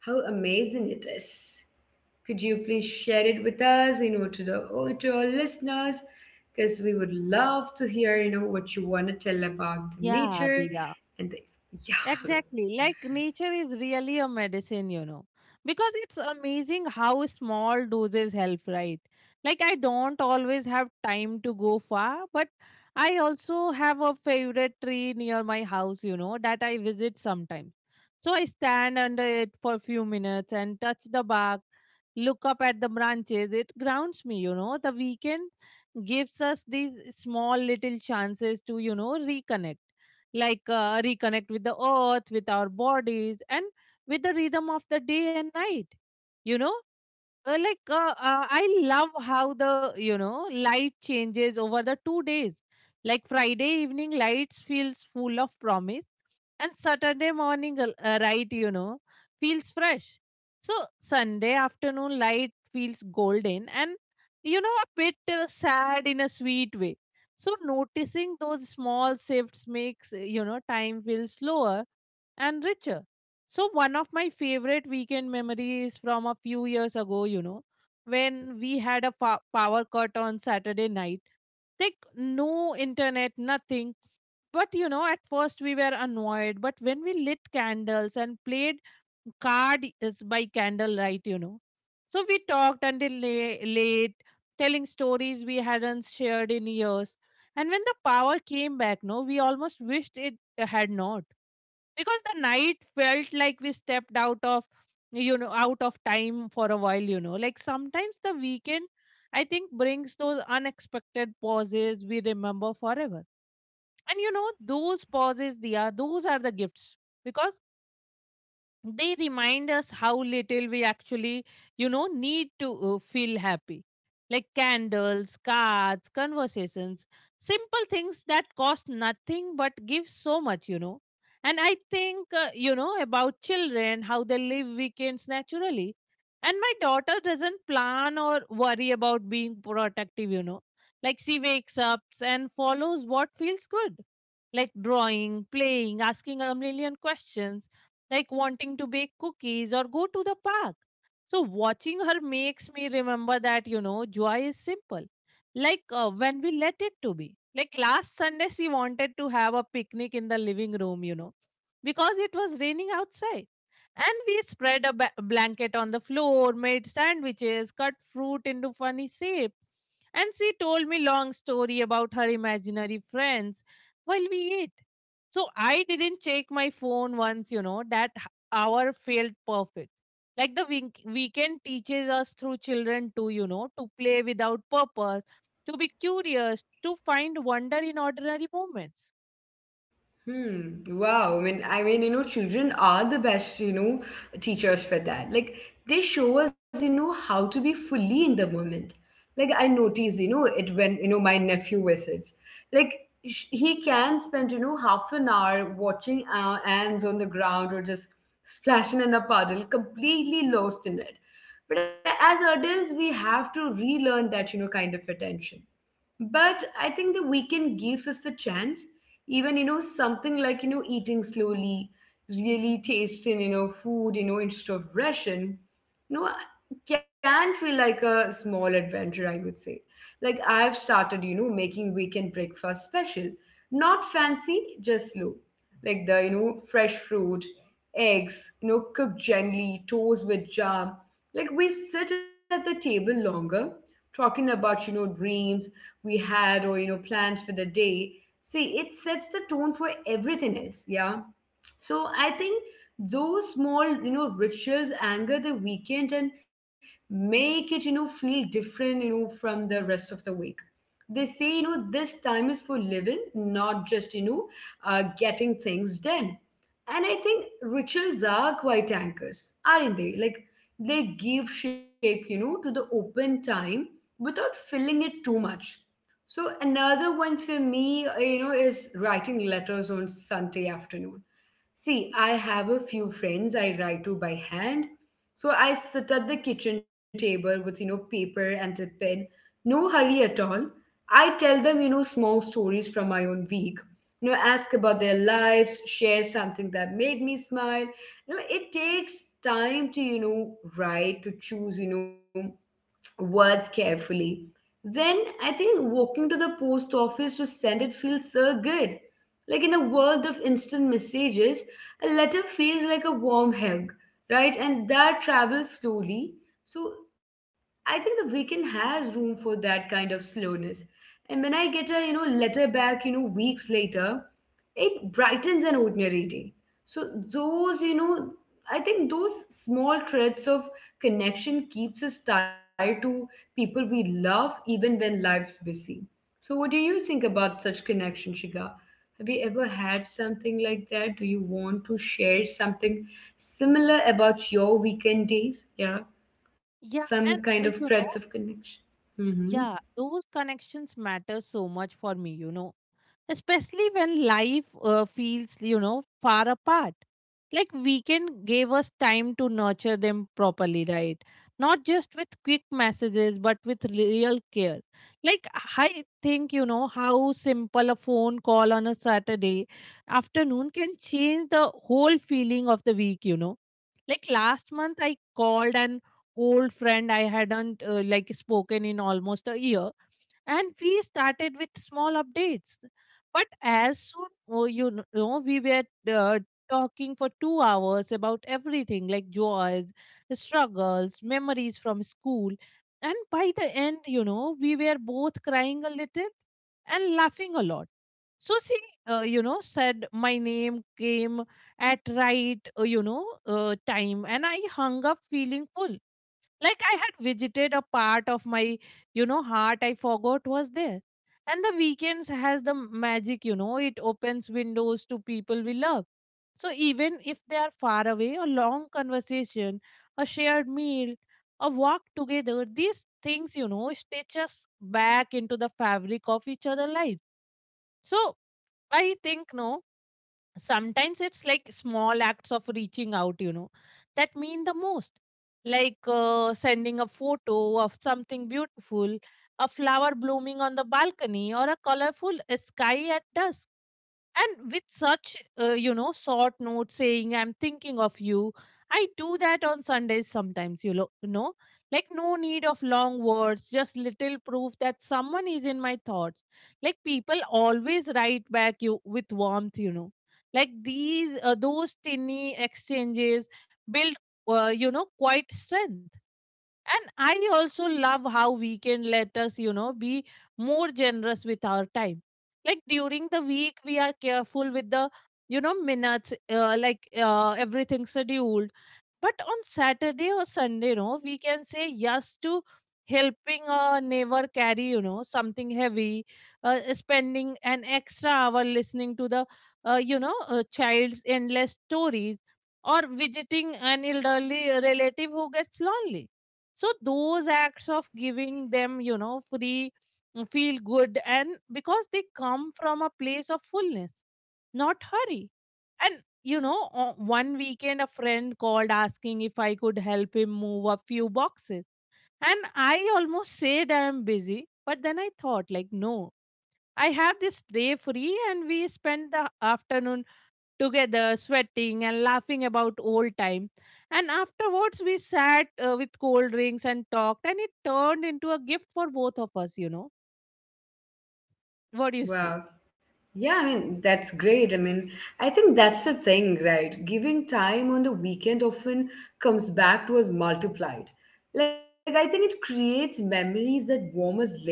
Speaker 1: How amazing it is. Could you please share it with us, to the or to our listeners? Because we would love to hear, what you want to tell about the
Speaker 2: yeah,
Speaker 1: nature
Speaker 2: Diya.
Speaker 1: and the yeah.
Speaker 2: Exactly. Like nature is really a medicine, you know, because it's amazing how small doses help, right? Like, I don't always have time to go far, but I also have a favorite tree near my house, you know, that I visit sometimes. So I stand under it for a few minutes and touch the bark, look up at the branches. It grounds me, you know. The weekend gives us these small little chances to, you know, reconnect, like reconnect with the earth, with our bodies, and with the rhythm of the day and night. You know, uh, like uh, I love how the, you know, light changes over the 2 days. Like Friday evening lights feels full of promise, and Saturday morning light, you know, feels fresh. So Sunday afternoon light feels golden and, you know, a bit sad in a sweet way. So noticing those small shifts makes, you know, time feel slower and richer. So, one of my favorite weekend memories from a few years ago, you know, when we had a power cut on Saturday night, like no internet, nothing. But, you know, at first we were annoyed, but when we lit candles and played card is by candlelight, you know. So we talked until late, telling stories we hadn't shared in years. And when the power came back, no, we almost wished it had not, because the night felt like we stepped out of, you know, out of time for a while. You know, like sometimes the weekend, I think, brings those unexpected pauses we remember forever. And you know, those pauses, Dia, those are the gifts, because they remind us how little we actually, you know, need to feel happy. Like candles, cards, conversations, simple things that cost nothing but give so much, you know. And I think, you know, about children, how they live weekends naturally. And my daughter doesn't plan or worry about being productive, you know. Like she wakes up and follows what feels good, like drawing, playing, asking a million questions, like wanting to bake cookies or go to the park. So, watching her makes me remember that, you know, joy is simple, like when we let it to be. Like last Sunday, she wanted to have a picnic in the living room, you know, because it was raining outside, and we spread a blanket on the floor, made sandwiches, cut fruit into funny shape. And she told me long story about her imaginary friends while we ate. So I didn't check my phone once, you know, that hour felt perfect. Like the weekend teaches us through children to, you know, to play without purpose, to be curious, to find wonder in ordinary moments.
Speaker 1: Hmm. Wow. I mean, children are the best, teachers for that. Like they show us, how to be fully in the moment. Like I notice, it when my nephew visits. Like he can spend, half an hour watching ants on the ground or just splashing in a puddle, completely lost in it. But as adults, we have to relearn that, kind of attention. But I think the weekend gives us the chance. Even something like eating slowly, really tasting food instead of ration you know can feel like a small adventure, I would say. Like I've started making weekend breakfast special, not fancy, just slow. Like the fresh fruit, eggs cooked gently, toast with jam. Like we sit at the table longer, talking about dreams we had or plans for the day. See, it sets the tone for everything else. Yeah. So I think those small, rituals anchor the weekend and make it, feel different, from the rest of the week. They say, this time is for living, not just, getting things done. And I think rituals are quite anchors, aren't they? Like they give shape, to the open time without filling it too much. So another one for me, is writing letters on Sunday afternoon. See, I have a few friends I write to by hand. So I sit at the kitchen table with, paper and a pen. No hurry at all. I tell them, small stories from my own week. Ask about their lives, share something that made me smile. It takes time to, write, to choose, words carefully. Then I think walking to the post office to send it feels so good. Like in a world of instant messages, a letter feels like a warm hug, right? And that travels slowly. So I think the weekend has room for that kind of slowness. And when I get a letter back, weeks later, it brightens an ordinary day. So those, I think those small threads of connection keeps us tied to people we love even when life's busy. So what do you think about such connection, Shiga? Have you ever had something like that? Do you want to share something similar about your weekend days? Yeah, some
Speaker 2: Yeah.
Speaker 1: kind
Speaker 2: And,
Speaker 1: of threads
Speaker 2: you
Speaker 1: of
Speaker 2: know,
Speaker 1: connection. Mm-hmm.
Speaker 2: yeah, those connections matter so much for me, you know, especially when life feels, you know, far apart. Like weekend gave us time to nurture them properly, right? Not just with quick messages, but with real care. Like I think, you know, how simple a phone call on a Saturday afternoon can change the whole feeling of the week, you know. Like last month, I called an old friend I hadn't spoken in almost a year, and we started with small updates, but as soon, oh, you know, we were talking for 2 hours about everything, like joys, struggles, memories from school. And by the end, you know, we were both crying a little and laughing a lot. So she, said my name came at right, you know, time, and I hung up feeling full like I had visited a part of my heart I forgot was there. And the weekends has the magic, you know. It opens windows to people we love, so even if they are far away, a long conversation, a shared meal, a walk together, these things, you know, stitch us back into the fabric of each other life. So I think, no, sometimes it's like small acts of reaching out, you know, that mean the most, like sending a photo of something beautiful, a flower blooming on the balcony or a colorful sky at dusk, and with such, short note saying, I'm thinking of you. I do that on Sundays sometimes, you lo- you know, like no need of long words, just little proof that someone is in my thoughts. Like people always write back you with warmth, you know. Like those tiny exchanges build, quite strength. And I also love how we can let us, you know, be more generous with our time. Like during the week we are careful with the, you know, minutes, everything scheduled, but on Saturday or Sunday, you know, we can say yes to helping a neighbor carry, you know, something heavy, spending an extra hour listening to the child's endless stories, or visiting an elderly relative who gets lonely. So those acts of giving them, you know, free, feel good, and because they come from a place of fullness, not hurry. And one weekend a friend called asking if I could help him move a few boxes. And I almost said I'm busy, but then I thought, like, no, I have this day free, and we spent the afternoon together sweating and laughing about old time. And afterwards, we sat with cold drinks and talked, and it turned into a gift for both of us, you know. What do you say?
Speaker 1: Wow. Yeah, I mean, that's great. I mean, I think that's the thing, right? Giving time on the weekend often comes back to us multiplied. Like, I think it creates memories that warm us later.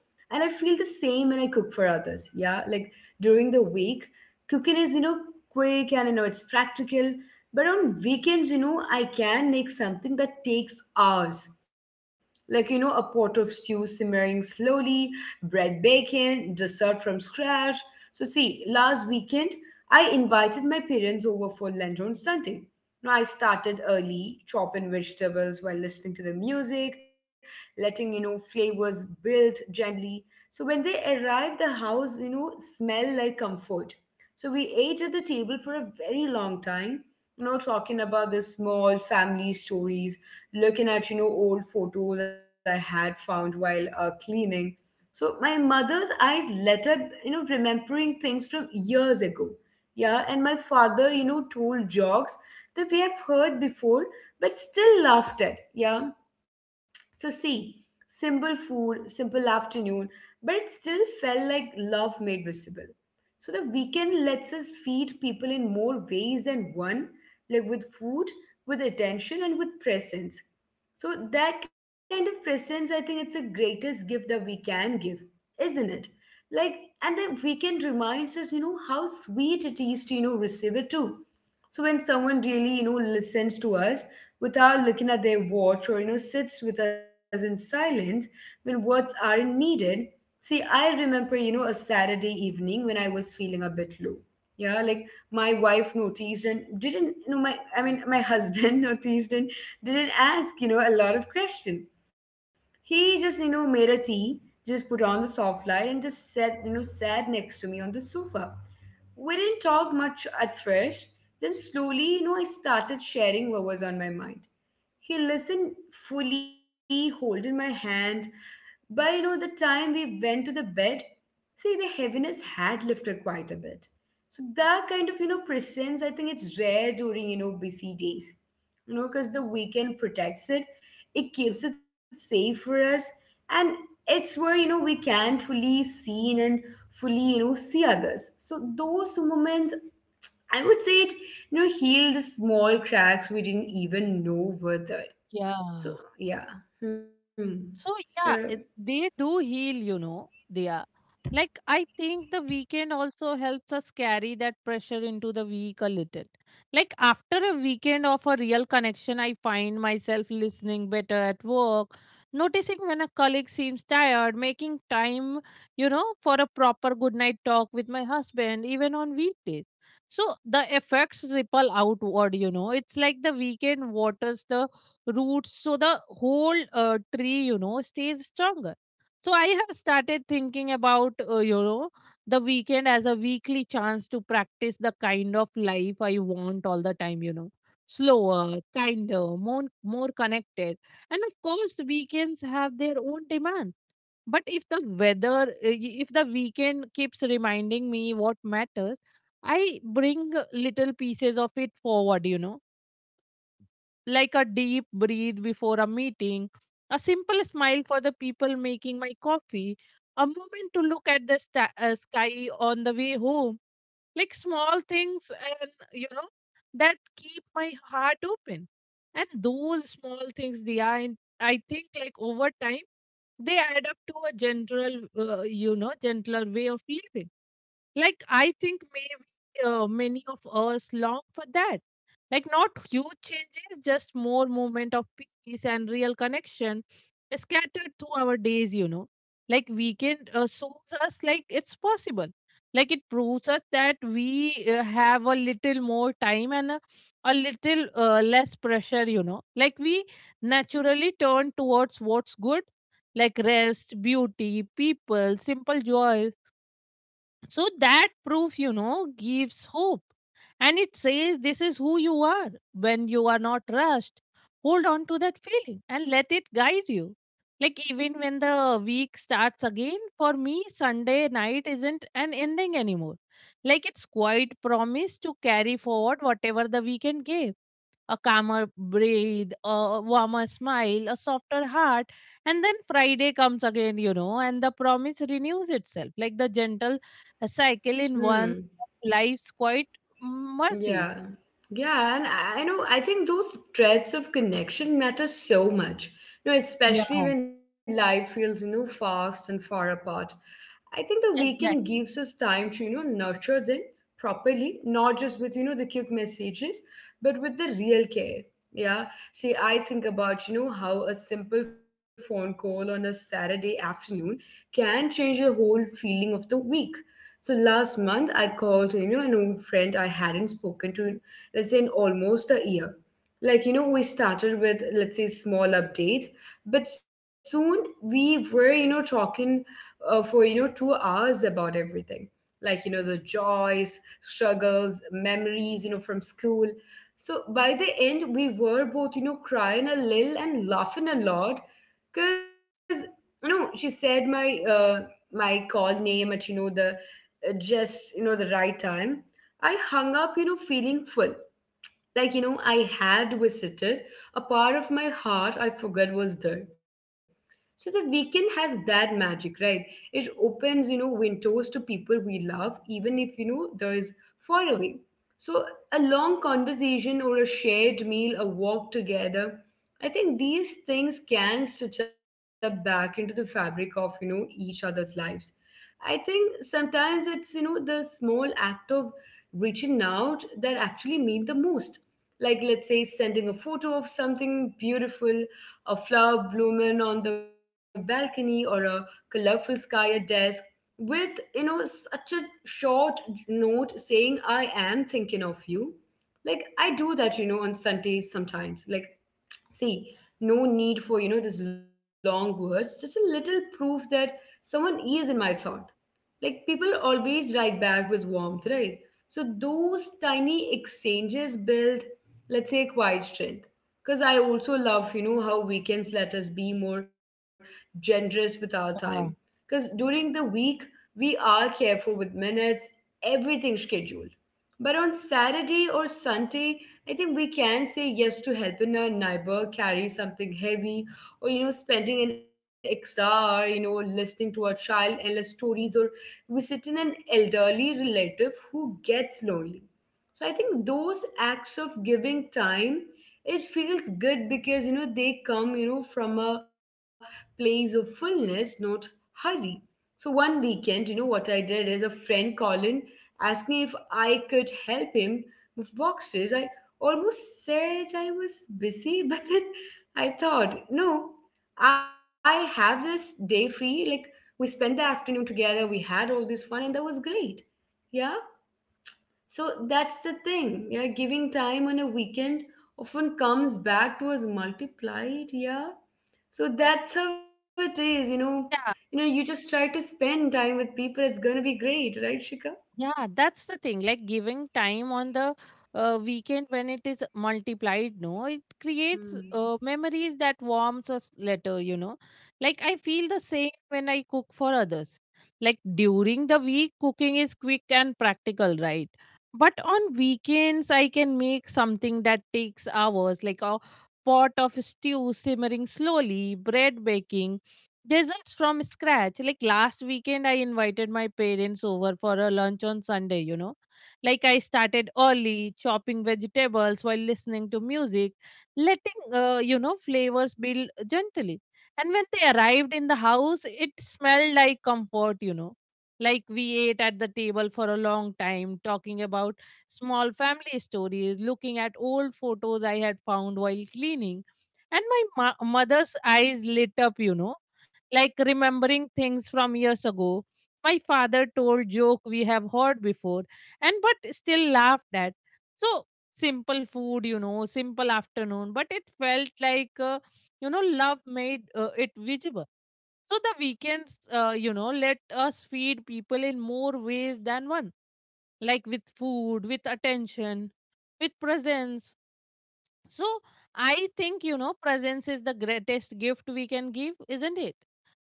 Speaker 1: And I feel the same when I cook for others. Yeah, like during the week, cooking is, quick and, it's practical. But on weekends, I can make something that takes hours. Like, a pot of stew simmering slowly, bread baking, dessert from scratch. So, see, last weekend I invited my parents over for lunch on Sunday. Now, I started early, chopping vegetables while listening to the music, letting, flavors build gently. So, when they arrived, the house, smelled like comfort. So, we ate at the table for a very long time, talking about the small family stories, looking at, old photos I had found while cleaning. So my mother's eyes lit up, remembering things from years ago. Yeah, and my father, told jokes that we have heard before but still laughed at. Yeah, so see, simple food, simple afternoon, but it still felt like love made visible. So the weekend lets us feed people in more ways than one, like with food, with attention, and with presence. So that kind of presence, I think it's the greatest gift that we can give, isn't it? Like, and the weekend reminds us, how sweet it is to, receive it too. So when someone really, listens to us without looking at their watch or, sits with us in silence when words aren't needed. See, I remember, a Saturday evening when I was feeling a bit low. Yeah, like my wife noticed and didn't, my, I mean, my husband noticed and didn't ask, a lot of questions. He just, made a tea, just put on the soft light and just sat next to me on the sofa. We didn't talk much at first. Then slowly, I started sharing what was on my mind. He listened fully, holding my hand. By, the time we went to the bed, see, the heaviness had lifted quite a bit. So that kind of, presence, I think it's rare during, busy days. Because the weekend protects it, it keeps it safe for us, and it's where we can fully see and fully see others. So those moments, I would say it heal the small cracks we didn't even know were there. So,
Speaker 2: Yeah.
Speaker 1: yeah. Hmm.
Speaker 2: So
Speaker 1: So.
Speaker 2: yeah, it, they do heal, you know. They are like I think the weekend also helps us carry that pressure into the week a little. Like after a weekend of a real connection, I find myself listening better at work, noticing when a colleague seems tired, making time, you know, for a proper good night talk with my husband, even on weekdays. So the effects ripple outward, you know. It's like the weekend waters the roots so the whole tree, you know, stays stronger. So I have started thinking about, you know, the weekend as a weekly chance to practice the kind of life I want all the time, you know, slower, kinder, more connected. And of course weekends have their own demand, but if the weather if the weekend keeps reminding me what matters, I bring little pieces of it forward, you know, like a deep breathe before a meeting, a simple smile for the people making my coffee, a moment to look at the sky on the way home, like small things, and you know, that keep my heart open. And those small things, they are, I think, like over time, they add up to a general, gentler way of living. Like, I think maybe many of us long for that. Like, not huge changes, just more moment of peace and real connection scattered through our days, you know. Like, weekend shows us like it's possible. Like, it proves us that we have a little more time and a little less pressure, you know. Like, we naturally turn towards what's good, like rest, beauty, people, simple joys. So that proof, you know, gives hope. And it says this is who you are when you are not rushed. Hold on to that feeling and let it guide you. Like, even when the week starts again, for me, Sunday night isn't an ending anymore. Like, it's quite promise to carry forward whatever the weekend gave, a calmer breathe, a warmer smile, a softer heart. And then Friday comes again, you know, and the promise renews itself like the gentle cycle in one
Speaker 1: Hmm.
Speaker 2: of life's quiet mercies.
Speaker 1: Yeah. Yeah, and I know, I think those threads of connection matter so much.
Speaker 2: Yeah,
Speaker 1: Especially when life feels, fast and far apart. I think the weekend gives
Speaker 2: exactly.
Speaker 1: us time to, nurture them properly, not just with, the cute messages, but with the real care. Yeah. See, I think about, how a simple phone call on a Saturday afternoon can change the whole feeling of the week. So last month, I called, an old friend I hadn't spoken to, let's say, in almost a year. Like, we started with, let's say, small updates, but soon we were, talking for, 2 hours about everything. Like, the joys, struggles, memories, from school. So by the end, we were both, crying a little and laughing a lot because, she said my call name at the just the right time. I hung up feeling full, like I had visited a part of my heart I forgot was there. So the weekend has that magic, right? It opens, windows to people we love, even if, there is far away. So a long conversation or a shared meal, a walk together, I think these things can stitch up back into the fabric of, each other's lives. I think sometimes it's, the small act of reaching out that actually mean the most. Like, let's say, sending a photo of something beautiful, a flower blooming on the balcony or a colorful sky at desk with such a short note saying, I am thinking of you. Like I do that on Sundays sometimes. Like, see, no need for this long words, just a little proof that someone is in my thought. Like people always write back with warmth, right? So those tiny exchanges build, let's say, quiet strength. Because I also love, how weekends let us be more generous with our time. Because during the week, we are careful with minutes, everything scheduled. But on Saturday or Sunday, I think we can say yes to helping a neighbor carry something heavy or, spending an extra hour, listening to a child endless stories or visiting an elderly relative who gets lonely. So I think those acts of giving time, it feels good because they come, from a place of fullness, not hurry. So one weekend, you know what I did is a friend calling asking if I could help him move boxes. I almost said I was busy, but then I thought, no, I have this day free. Like we spent the afternoon together, we had all this fun, and that was great. Yeah, so that's the thing. Yeah, giving time on a weekend often comes back to us multiplied. Yeah, so that's how it is. You know,
Speaker 2: Yeah.
Speaker 1: you just try to spend time with people. It's gonna be great, right, Shika?
Speaker 2: Yeah, that's the thing. Like giving time on the weekend when it is multiplied, no, it creates
Speaker 1: Hmm.
Speaker 2: memories that warms us later, you know. Like I feel the same when I cook for others. Like during the week, cooking is quick and practical, right? But on weekends, I can make something that takes hours, like a pot of stew simmering slowly, bread baking, desserts from scratch. Like last weekend I invited my parents over for a lunch on Sunday, you know. Like I started early chopping vegetables while listening to music, letting, flavors build gently. And when they arrived in the house it smelled like comfort, you know. Like we ate at the table for a long time talking about small family stories, looking at old photos I had found while cleaning. And my mother's eyes lit up, you know, like remembering things from years ago. My father told joke we have heard before and but still laughed at. So simple food, you know, simple afternoon, but it felt like love made it visible. So the weekends, let us feed people in more ways than one, like with food, with attention, with presence. So I think, you know, presence is the greatest gift we can give, isn't it?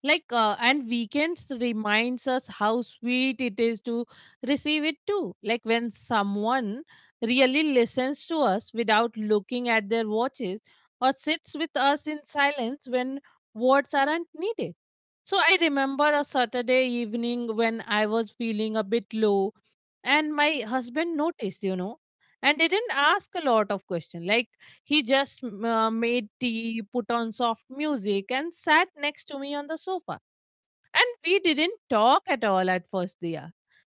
Speaker 2: Like and weekends reminds us how sweet it is to receive it too, like when someone really listens to us without looking at their watches or sits with us in silence when words aren't needed. So I remember a Saturday evening when I was feeling a bit low, and my husband noticed, you know, and didn't ask a lot of questions. Like he just made tea, put on soft music and sat next to me on the sofa, and we didn't talk at all at first, Dia.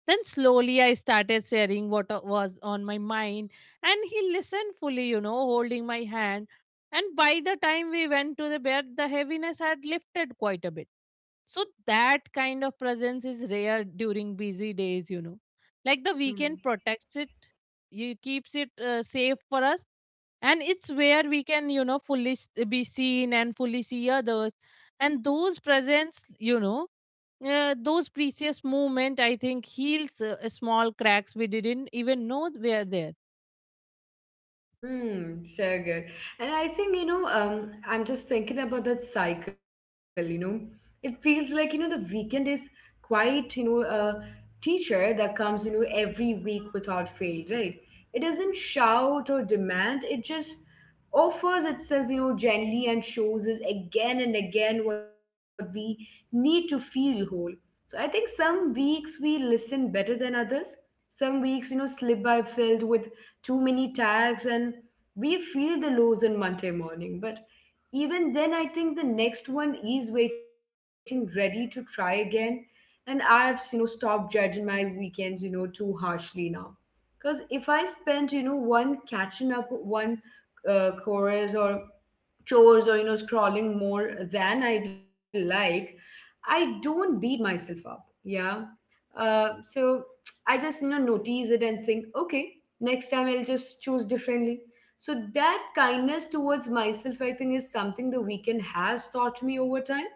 Speaker 2: Then slowly I started sharing what was on my mind, and he listened fully, you know, holding my hand. And by the time we went to the bed, the heaviness had lifted quite a bit. So that kind of presence is rare during busy days, you know. Like the
Speaker 1: Hmm.
Speaker 2: weekend protects it, you keeps it safe for us, and it's where we can, you know, fully be seen and fully see others. And those presents, you know, those precious moment I think heals small cracks we didn't even know were there.
Speaker 1: Hmm, so good. And I think, I'm just thinking about that cycle, you know. It feels like, you know, the weekend is quite, you know, a teacher that comes, you know, every week without fail, right? It doesn't shout or demand, it just offers itself, you know, gently, and shows us again and again what we need to feel whole. So I think some weeks we listen better than others. Some weeks, you know, slip by filled with too many tags, and we feel the lows on Monday morning. But even then, I think the next one is waiting, ready to try again. And I've, you know, stopped judging my weekends, you know, too harshly now. Because if I spend, you know, one catching up, one chorus, or chores, or you know, scrolling more than I'd like, I don't beat myself up. Yeah. So I just, you know, notice it and think, okay, next time I'll just choose differently. So that kindness towards myself, I think, is something the weekend has taught me over time.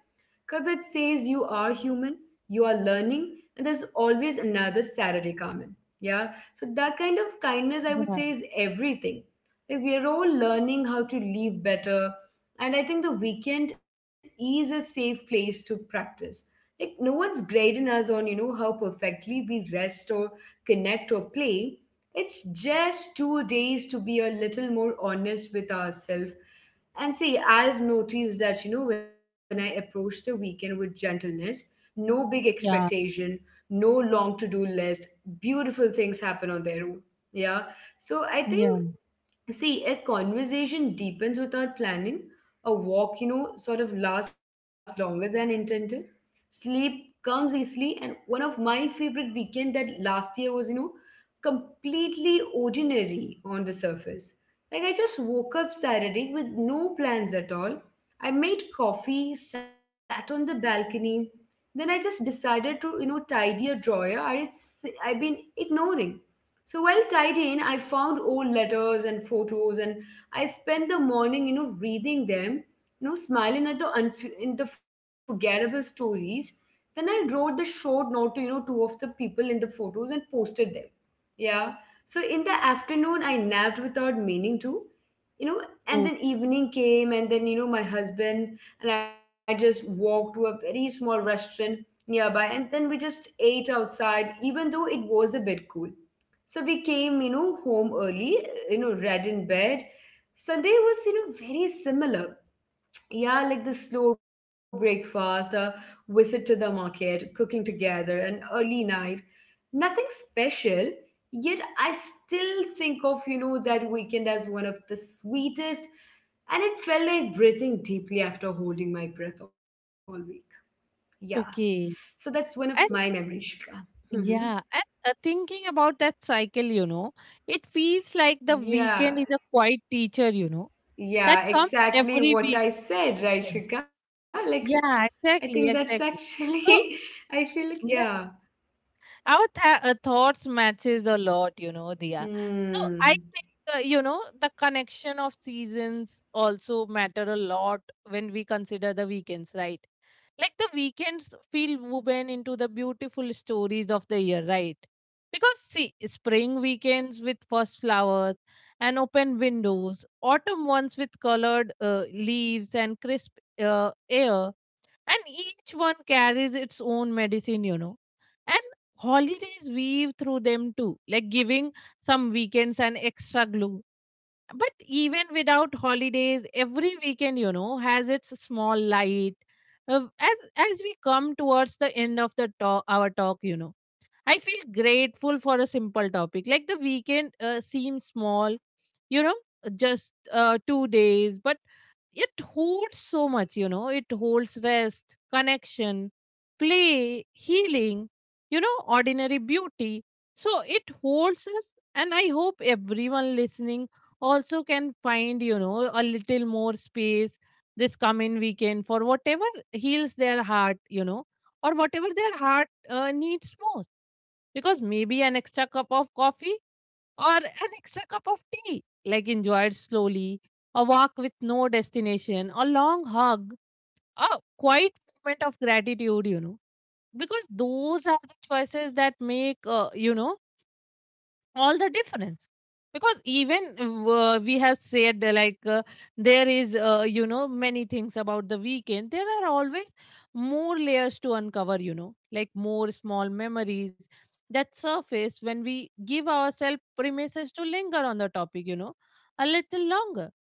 Speaker 1: Because it says you are human, you are learning, and there's always another Saturday coming. Yeah. So that kind of kindness, I would say, is everything. Like we are all learning how to live better, and I think the weekend is a safe place to practice. Like no one's grading us on, you know, how perfectly we rest or connect or play. It's just two days to be a little more honest with ourselves. And see, I've noticed that, you know, when I approach the weekend with gentleness, no big
Speaker 2: Yeah,
Speaker 1: expectation, no long to do list, beautiful things happen on their own. Yeah. So I think,
Speaker 2: yeah.
Speaker 1: see, a conversation deepens without planning. A walk, you know, sort of lasts longer than intended. Sleep comes easily. And one of my favorite weekend that last year was, you know, completely ordinary on the surface. Like I just woke up Saturday with no plans at all. I made coffee, sat on the balcony. Then I just decided to, you know, tidy a drawer I had I've been ignoring. So while tied in, I found old letters and photos, and I spent the morning, you know, reading them, you know, smiling at in the forgettable stories. Then I wrote the short note to, you know, two of the people in the photos, and posted them. Yeah. So in the afternoon, I napped without meaning to, you know, and
Speaker 2: Oh,
Speaker 1: then evening came, and then, you know, my husband and I just walked to a very small restaurant nearby, and then we just ate outside, even though it was a bit cool. So we came, you know, home early, you know, read in bed. Sunday was, you know, very similar. Yeah, like the slow breakfast, a visit to the market, cooking together, an early night. Nothing special, yet I still think of, you know, that weekend as one of the sweetest, and it felt like breathing deeply after holding my breath all week. Yeah. So
Speaker 2: okay.
Speaker 1: that's one of my
Speaker 2: And
Speaker 1: memories, Shika. Hmm.
Speaker 2: yeah, and thinking about that cycle, you know, it feels like the
Speaker 1: Yeah.
Speaker 2: weekend is a quiet teacher, you know, that
Speaker 1: Yeah,
Speaker 2: comes
Speaker 1: exactly
Speaker 2: every
Speaker 1: what
Speaker 2: week
Speaker 1: I said, right,
Speaker 2: with,
Speaker 1: Shika? Like, I
Speaker 2: yeah,
Speaker 1: think that's
Speaker 2: exactly, exactly.
Speaker 1: actually,
Speaker 2: So
Speaker 1: I feel like, yeah.
Speaker 2: our thoughts matches a lot, you know, Diya. So I
Speaker 1: Hmm.
Speaker 2: think, you know, the connection of seasons also matter a lot when we consider the weekends, right? Like the weekends feel woven into the beautiful stories of the year, right? Because see, spring weekends with first flowers and open windows, autumn ones with colored leaves and crisp air, and each one carries its own medicine, you know. And holidays weave through them too, like giving some weekends an extra glue. But even without holidays, every weekend, you know, has its small light. As we come towards the end of the talk, you know, I feel grateful for a simple topic like the weekend. Seems small, you know, just 2 days, but it holds so much, you know. It holds rest, connection, play, healing, you know, ordinary beauty. So it holds us, and I hope everyone listening also can find, you know, a little more space this coming weekend for whatever heals their heart, you know, or whatever their heart needs most. Because maybe an extra cup of coffee or an extra cup of tea, like enjoyed slowly, a walk with no destination, a long hug, a quiet moment of gratitude, you know. Because those are the choices that make, all the difference. Because even we have said there is, you know, many things about the weekend, there are always more layers to uncover, you know, like more small memories that surface when we give ourselves premises to linger on the topic, you know, a little longer.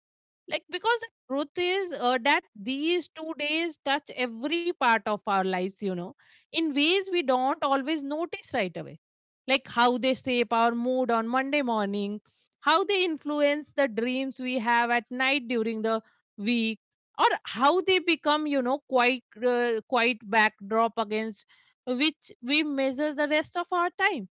Speaker 2: Like because the truth is that these 2 days touch every part of our lives, you know, in ways we don't always notice right away. Like how they shape our mood on Monday morning, how they influence the dreams we have at night during the week, or how they become, you know, quite quite backdrop against which we measure the rest of our time.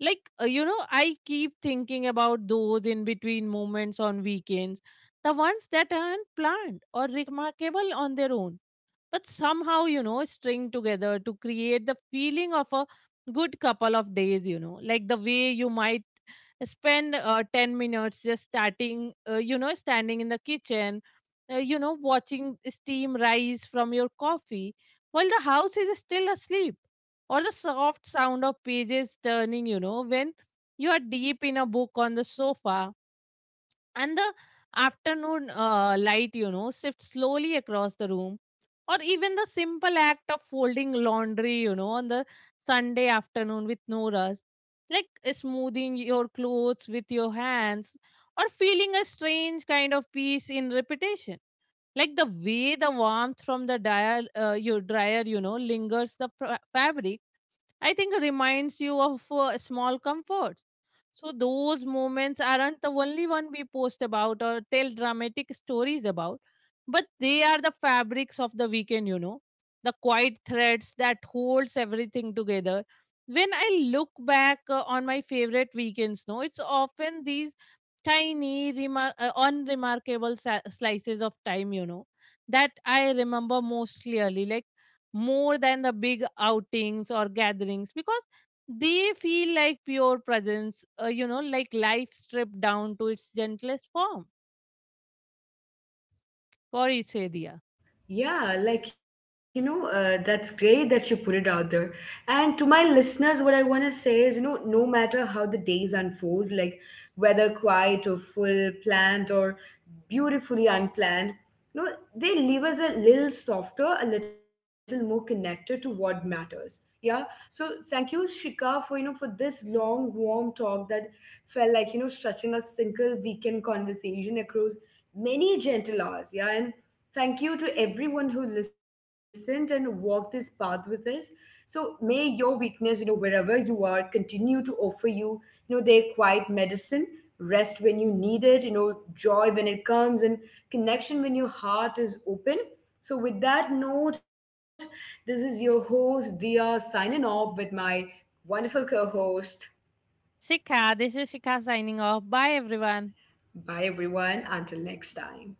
Speaker 2: Like, you know, I keep thinking about those in between moments on weekends, the ones that aren't planned or remarkable on their own, but somehow, you know, string together to create the feeling of a good couple of days, you know. Like the way you might spend 10 minutes just starting you know, standing in the kitchen, you know, watching steam rise from your coffee while the house is still asleep, or the soft sound of pages turning, you know, when you are deep in a book on the sofa, and the afternoon light, you know, shifts slowly across the room, or even the simple act of folding laundry, you know, on the Sunday afternoon with no rush, like smoothing your clothes with your hands, or feeling a strange kind of peace in repetition, like the way the warmth from the your dryer, you know, lingers the fabric. I think reminds you of small comforts. So those moments aren't the only one we post about or tell dramatic stories about, but they are the fabrics of the weekend. You know, the quiet threads that holds everything together. When I look back on my favorite weekends, no, it's often these tiny, unremarkable slices of time, you know, that I remember most clearly, like more than the big outings or gatherings, because they feel like pure presence, you know, like life stripped down to its gentlest form. For each Shikha,
Speaker 1: Yeah, like, you know, that's great that you put it out there. And to my listeners, what I want to say is, you know, no matter how the days unfold, like whether quiet or full, planned or beautifully unplanned, you know, they leave us a little softer, a little more connected to what matters. Yeah. So thank you, Shika, for, you know, for this long, warm talk that felt like, you know, stretching a single weekend conversation across many gentle hours. Yeah. And thank you to everyone who listened and walked this path with us. So may your weakness, you know, wherever you are, continue to offer you, you know, their quiet medicine, rest when you need it, you know, joy when it comes, and connection when your heart is open. So with that note, this is your host Dia signing off with my wonderful co-host.
Speaker 2: this is Shikha signing off. Bye, everyone.
Speaker 1: Bye everyone. Until next time.